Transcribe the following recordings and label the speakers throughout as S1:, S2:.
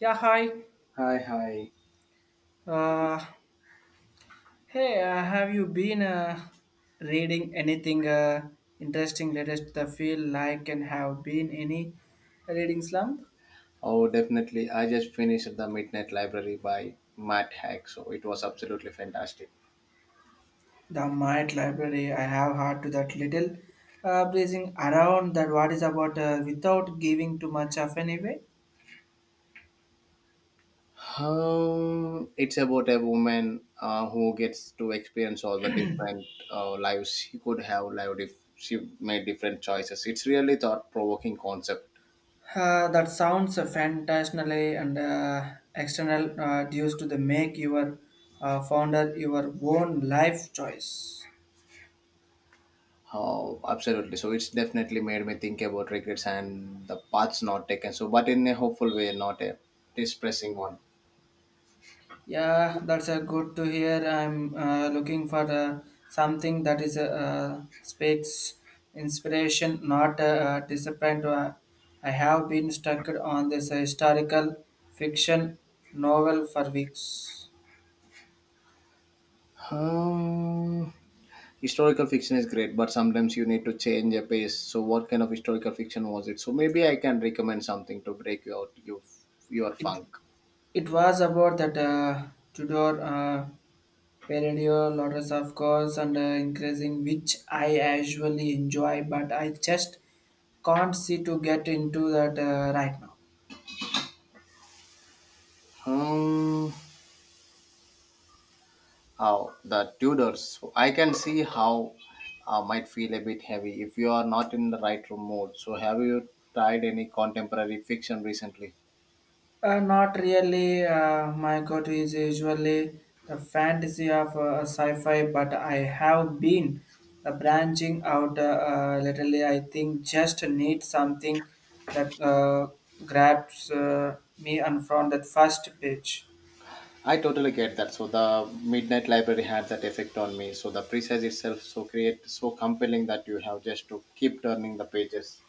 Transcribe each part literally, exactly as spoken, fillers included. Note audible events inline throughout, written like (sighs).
S1: Yeah, hi.
S2: Hi, hi.
S1: Uh, hey, uh, have you been uh, reading anything uh, interesting latest? I feel like and have been any reading slump?
S2: Oh, definitely. I just finished The Midnight Library by Matt Haig, so it was absolutely fantastic.
S1: The Might Library, I have heard to that little uh, breezing around that what is about uh, without giving too much of anyway.
S2: Um, it's about a woman uh, who gets to experience all the different uh, lives she could have lived if she made different choices. It's really thought provoking concept.
S1: Uh, that sounds uh, fantastically and uh, external uh, due to the make your uh, founder your own life choice.
S2: Oh, absolutely. So it's definitely made me think about regrets and the paths not taken. So, but in a hopeful way, not a depressing one.
S1: Yeah, that's a good to hear. I'm uh, looking for uh, something that is uh, uh, speaks inspiration, not uh, uh, disappoint. Uh, I have been stuck on this historical fiction novel for weeks.
S2: Um, Historical fiction is great, but sometimes you need to change a pace. So what kind of historical fiction was it? So maybe I can recommend something to break you out you your
S1: It
S2: funk.
S1: it was about that uh, Tudor uh, period, lots of course, and uh, increasing, which I usually enjoy, but I just can't see to get into that uh, right now.
S2: Hmm. How the Tudors. So I can see how uh, might feel a bit heavy if you are not in the right room mode. So have you tried any contemporary fiction recently?
S1: Uh, not really. Uh, my go-to is usually the fantasy of uh, sci-fi, but I have been uh, branching out uh, uh, lately. I think just need something that uh, grabs uh, me and from that first page.
S2: I totally get that. So the Midnight Library had that effect on me. So the precise itself so create so compelling that you have just to keep turning the pages.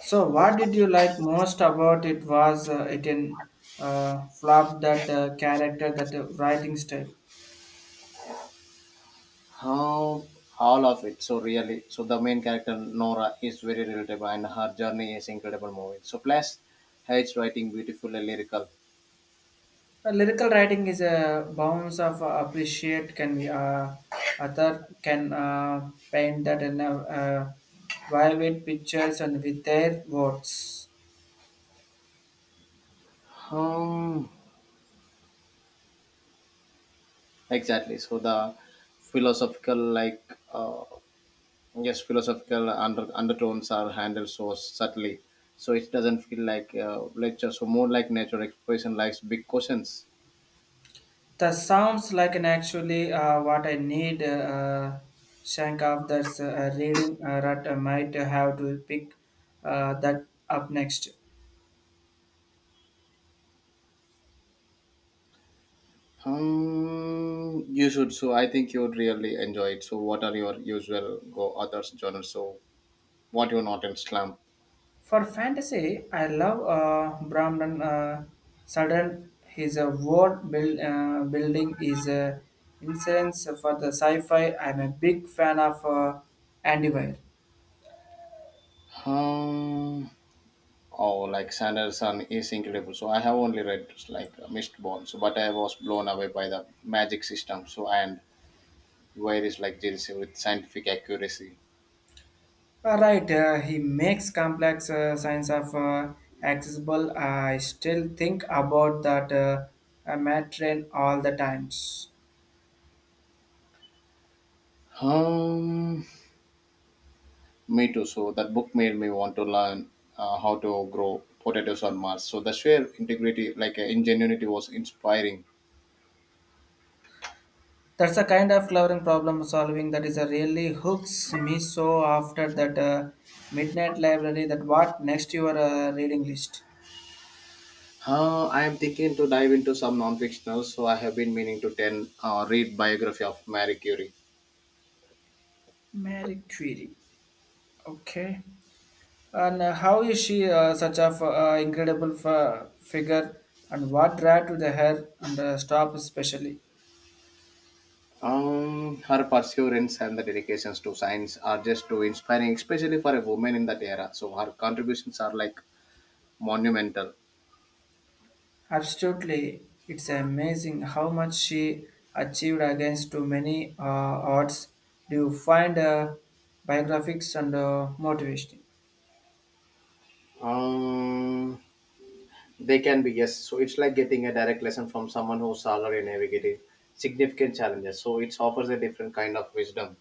S1: So, what did you like most about it? Was uh, it in uh, flop that uh, character, that uh, writing style?
S2: How all of it. So really, so the main character Nora is very relatable, and her journey is incredible movie. So plus, her it's writing beautiful and lyrical.
S1: Uh, lyrical writing is a bounce of uh, appreciate can be uh, author can uh, paint that in a uh, vivid pictures and with their words.
S2: Um, exactly. So the philosophical, like uh, yes, philosophical under, undertones are handled so subtly. So it doesn't feel like uh, lecture. So more like natural expression, likes big questions.
S1: That sounds like an actually uh, what I need. Uh, uh, shank of that's uh, reading uh, that I might have to pick uh, that up next.
S2: Um, you should. So I think you would really enjoy it. So what are your usual go others genres? So what you not in slump?
S1: For fantasy, I love uh, Brahman uh, Sudden. His uh, world build, uh, building is uh, insurance for the sci-fi. I'm a big fan of uh, Andy Weir.
S2: Um, oh, like Sanderson is incredible. So I have only read like Mistborn, so but I was blown away by the magic system. So and where is like Jills with scientific accuracy.
S1: All right, uh, he makes complex uh, science of uh, accessible. I still think about that uh, uh, Matt train all the times.
S2: Um, Me too. So that book made me want to learn uh, how to grow potatoes on Mars. So the sheer integrity, like uh, ingenuity, was inspiring.
S1: That's the kind of loving problem solving that is a really hooks me so after that uh, midnight library that what next your uh, reading list.
S2: Uh, I am thinking to dive into some non-fictional, so I have been meaning to ten uh, read biography of Marie Curie.
S1: Mary Curie. Okay. And uh, how is she uh, such a f- uh, incredible f- uh, figure and what draw to the hair and uh, stop especially?
S2: Um, her perseverance and the dedications to science are just too inspiring, especially for a woman in that era. So her contributions are like monumental.
S1: Absolutely. It's amazing how much she achieved against too many uh, odds. Do you find uh, biographics and uh, motivational?
S2: Um, they can be, yes. So it's like getting a direct lesson from someone who's already her navigating significant challenges. So it offers a different kind of wisdom.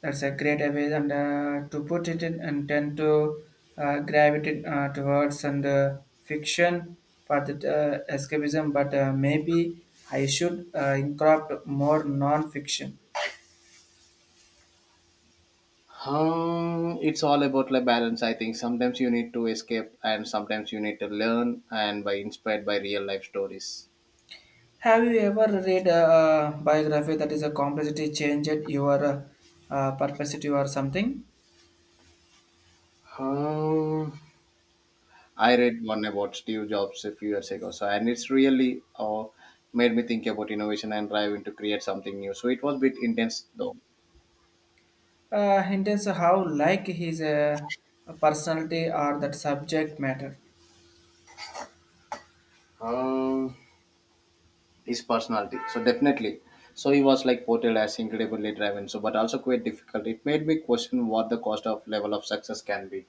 S1: That's a great way and uh, to put it in and tend to uh, gravitate uh, towards and uh, fiction for the uh, escapism. But uh, maybe I should uh, incorporate more non-fiction.
S2: Um, it's all about like balance. I think sometimes you need to escape, and sometimes you need to learn, and by inspired by real life stories.
S1: Have you ever read a uh, biography that is a complexity changed your uh, uh, perspective or something?
S2: Um, I read one about Steve Jobs a few years ago, so and it's really uh, made me think about innovation and driving to create something new. So it was a bit intense though.
S1: Uh, hints how like his uh, personality or that subject matter.
S2: Um, his personality, so definitely. So he was like portrayed as incredibly driven, so but also quite difficult. It made me question what the cost of level of success can be.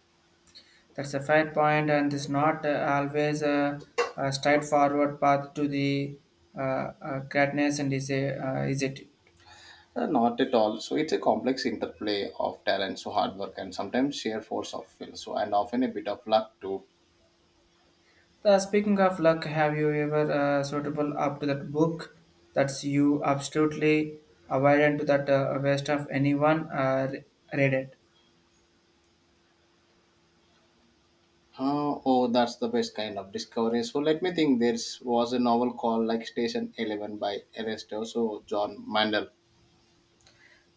S1: That's a fair point, and it's not uh, always a, a straightforward path to the uh, uh, greatness, and is, a, uh, is it?
S2: Uh, not at all. So it's a complex interplay of talent, so hard work, and sometimes sheer force of will. So and often a bit of luck too.
S1: Uh, speaking of luck, have you ever uh, suitable up to that book that's you absolutely avoided to that uh, waste of anyone uh, re- read it?
S2: Uh, oh, that's the best kind of discovery. So let me think. There was a novel called like Station Eleven by Ernesto so John Mandel.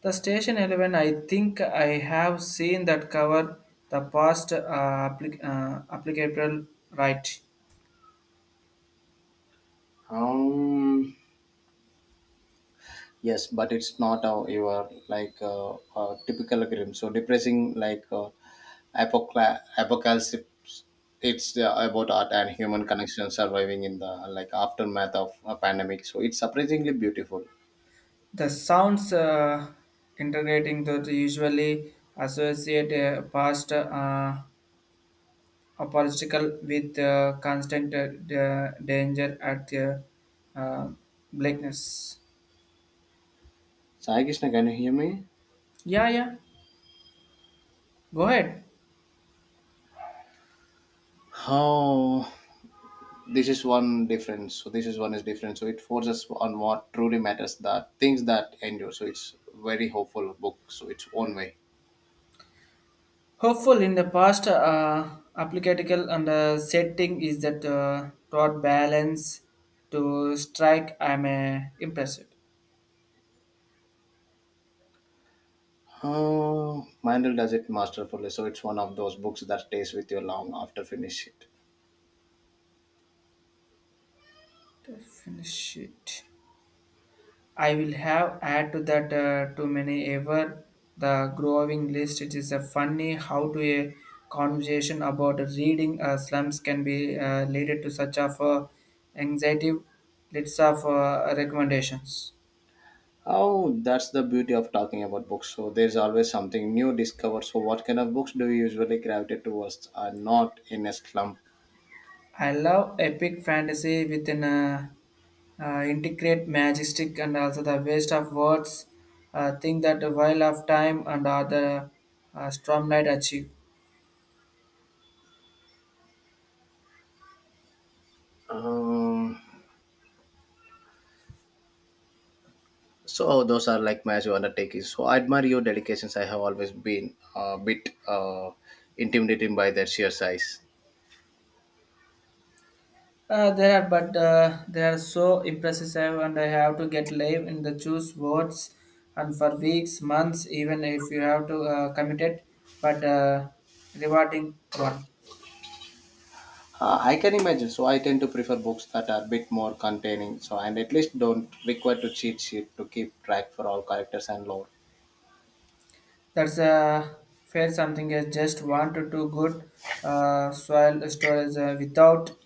S1: The Station eleven, I think I have seen that cover the past uh, applic- uh, applicable right.
S2: Um, yes, but it's not uh, your like uh, uh, typical grim. So depressing like uh, apocla- apocalypse. It's uh, about art and human connection surviving in the like aftermath of a pandemic. So it's surprisingly beautiful.
S1: The sounds uh, integrating that usually associate a past uh, apological with uh, constant uh, da- danger at the uh, blackness.
S2: Sai Krishna, can you hear me?
S1: Yeah, yeah. Go ahead.
S2: Oh, this is one difference so this is one is different so it forces on what truly matters that things that endure so it's very hopeful book so its own way.
S1: Hopeful in the past uh, applicable and uh, setting is that uh, taught balance to strike. I'm uh, impressed.
S2: uh, Mandel does it masterfully, so it's one of those books that stays with you long after finish it.
S1: To finish it. I will have add to that uh, too many ever the growing list. It is a funny how to a conversation about reading uh, slums can be uh, related to such of uh, anxiety lists of uh, recommendations.
S2: Oh, that's the beauty of talking about books. So there's always something new discovered. So what kind of books do you usually gravitate towards are not in a slump?
S1: I love epic fantasy within a uh, uh, integrate majestic and also the waste of words. Uh, think that the while of time and other uh, stormlight achieve.
S2: um, So those are like massive undertakings. So I admire your dedications. I have always been a bit uh, intimidated by their sheer size.
S1: Uh, there are, but uh, they are so impressive, and I have to get live in the choose words, and for weeks, months, even if you have to uh, commit it, but uh, rewarding one.
S2: Uh, I can imagine. So I tend to prefer books that are a bit more containing. So and at least don't require to cheat sheet to keep track for all characters and lore.
S1: That's uh, fair. Something is just one to two good uh, soil storage uh, without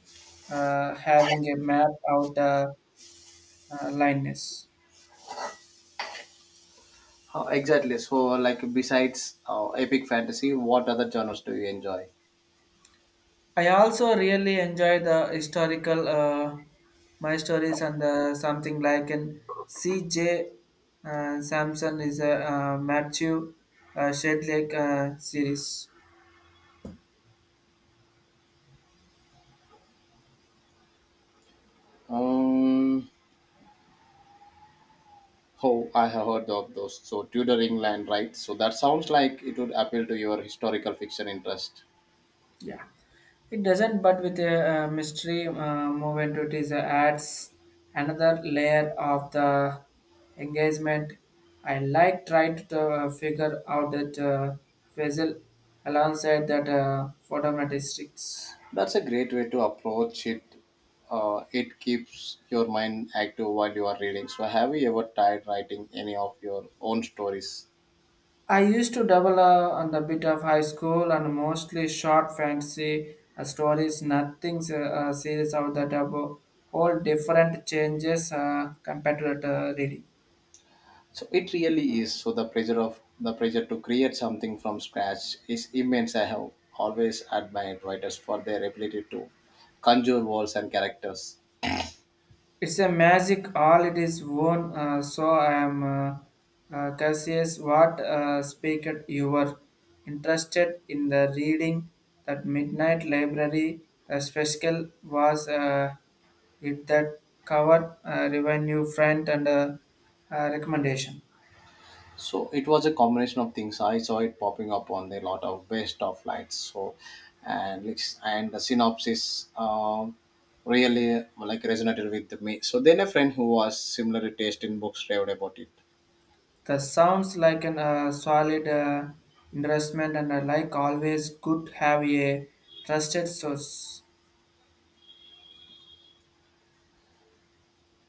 S1: uh, having a map out uh, uh, lineness.
S2: Uh, exactly. So like besides uh, epic fantasy, what other genres do you enjoy?
S1: I also really enjoy the historical uh, my stories and uh, something like an C J. Uh, Samson is a uh, Matthew uh, Shedlake uh, series.
S2: Um, oh, I have heard of those. So Tudor England, right? So that sounds like it would appeal to your historical fiction interest.
S1: Yeah, it doesn't, but with a, uh mystery uh, movement, it is uh, adds another layer of the engagement. I like trying to uh, figure out that uh, Faisal alongside that uh, photometrics.
S2: That's a great way to approach it. Uh, it keeps your mind active while you are reading. So, have you ever tried writing any of your own stories?
S1: I used to double uh, on the bit of high school and mostly short fantasy uh, stories, nothing uh, uh, serious out that uh, whole different changes uh, compared to that uh, reading.
S2: So it really is. So the pressure of the pressure to create something from scratch is immense. I have always admired writers for their ability to conjure worlds and characters.
S1: It's a magic, all it is worn. Uh, so I am uh, uh, Cassius. What uh, speaker you were interested in the reading that midnight library? The special was uh, it that covered uh, revenue front and uh, uh, recommendation.
S2: So it was a combination of things. I saw it popping up on a lot of best of lights. So and it's- and the synopsis um, really like resonated with me. So then a friend who was similarly taste in books raved about it.
S1: That sounds like an uh, solid uh, investment, and I like always good have a trusted source.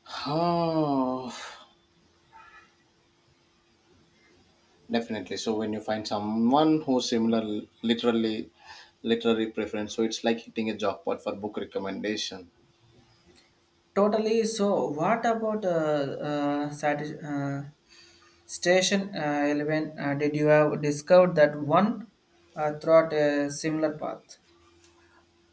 S2: (sighs) Oh, definitely. So when you find someone who's similar, literally literary preference, so it's like hitting a jackpot for book recommendation.
S1: Totally. So, what about uh, uh, satis- uh, station uh, eleven? Uh, did you have discovered that one uh, throughout a similar path?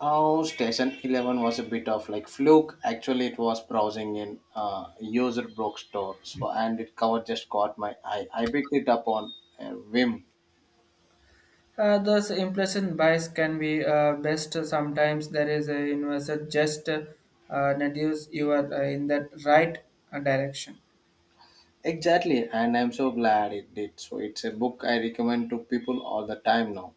S2: Oh, Station eleven was a bit of like fluke. Actually, it was browsing in uh, user bookstore, so and it cover just caught my eye. I picked it up on a whim.
S1: Uh, those implicit bias can be uh, best sometimes. There is a universal just uh, uh, deduce you are uh, in that right uh, direction.
S2: Exactly, and I'm so glad it did. So it's a book I recommend to people all the time now.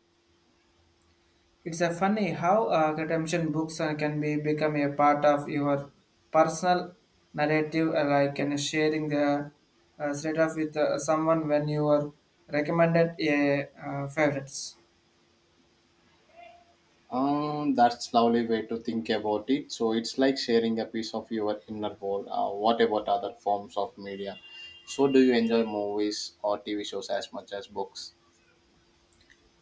S1: It's a funny how uh, consumption books uh, can be become a part of your personal narrative, uh, like and sharing the uh, straight off with uh, someone when you are recommended a uh, favorites.
S2: Um, that's lovely way to think about it. So it's like sharing a piece of your inner world. Uh, what about other forms of media? So do you enjoy movies or T V shows as much as books?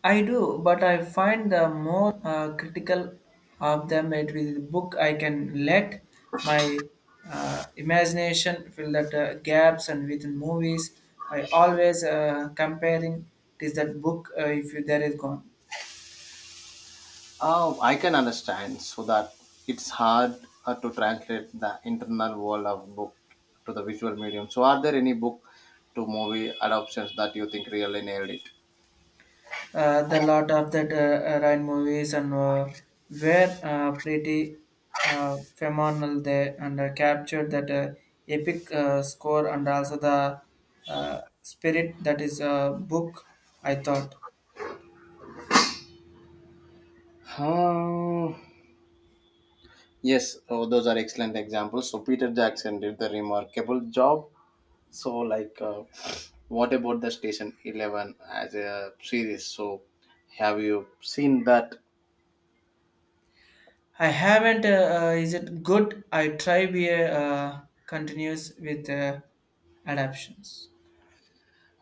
S1: I do, but I find the more uh, critical of them it with the book, I can let my uh, imagination fill that uh, gaps and within movies. I always uh, comparing it is that book uh, if there is gone.
S2: Oh, I can understand. So that it's hard uh, to translate the internal world of book to the visual medium. So are there any book to movie adoptions that you think really nailed it?
S1: uh, the lot of that uh, uh, Ryan movies and uh, were uh, pretty uh, phenomenal there and uh, captured that uh, epic uh, score and also the uh, spirit that is a book I thought.
S2: Hmm. Yes, oh, those are excellent examples. So Peter Jackson did the remarkable job. So like, uh, what about the Station Eleven as a series? So have you seen that?
S1: I haven't uh, uh, is it good? I try be a uh, continues with uh, adaptions.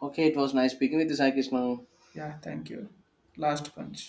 S2: Okay, it was nice speaking with you, Sai Krishna.
S1: Yeah, thank you. Last punch.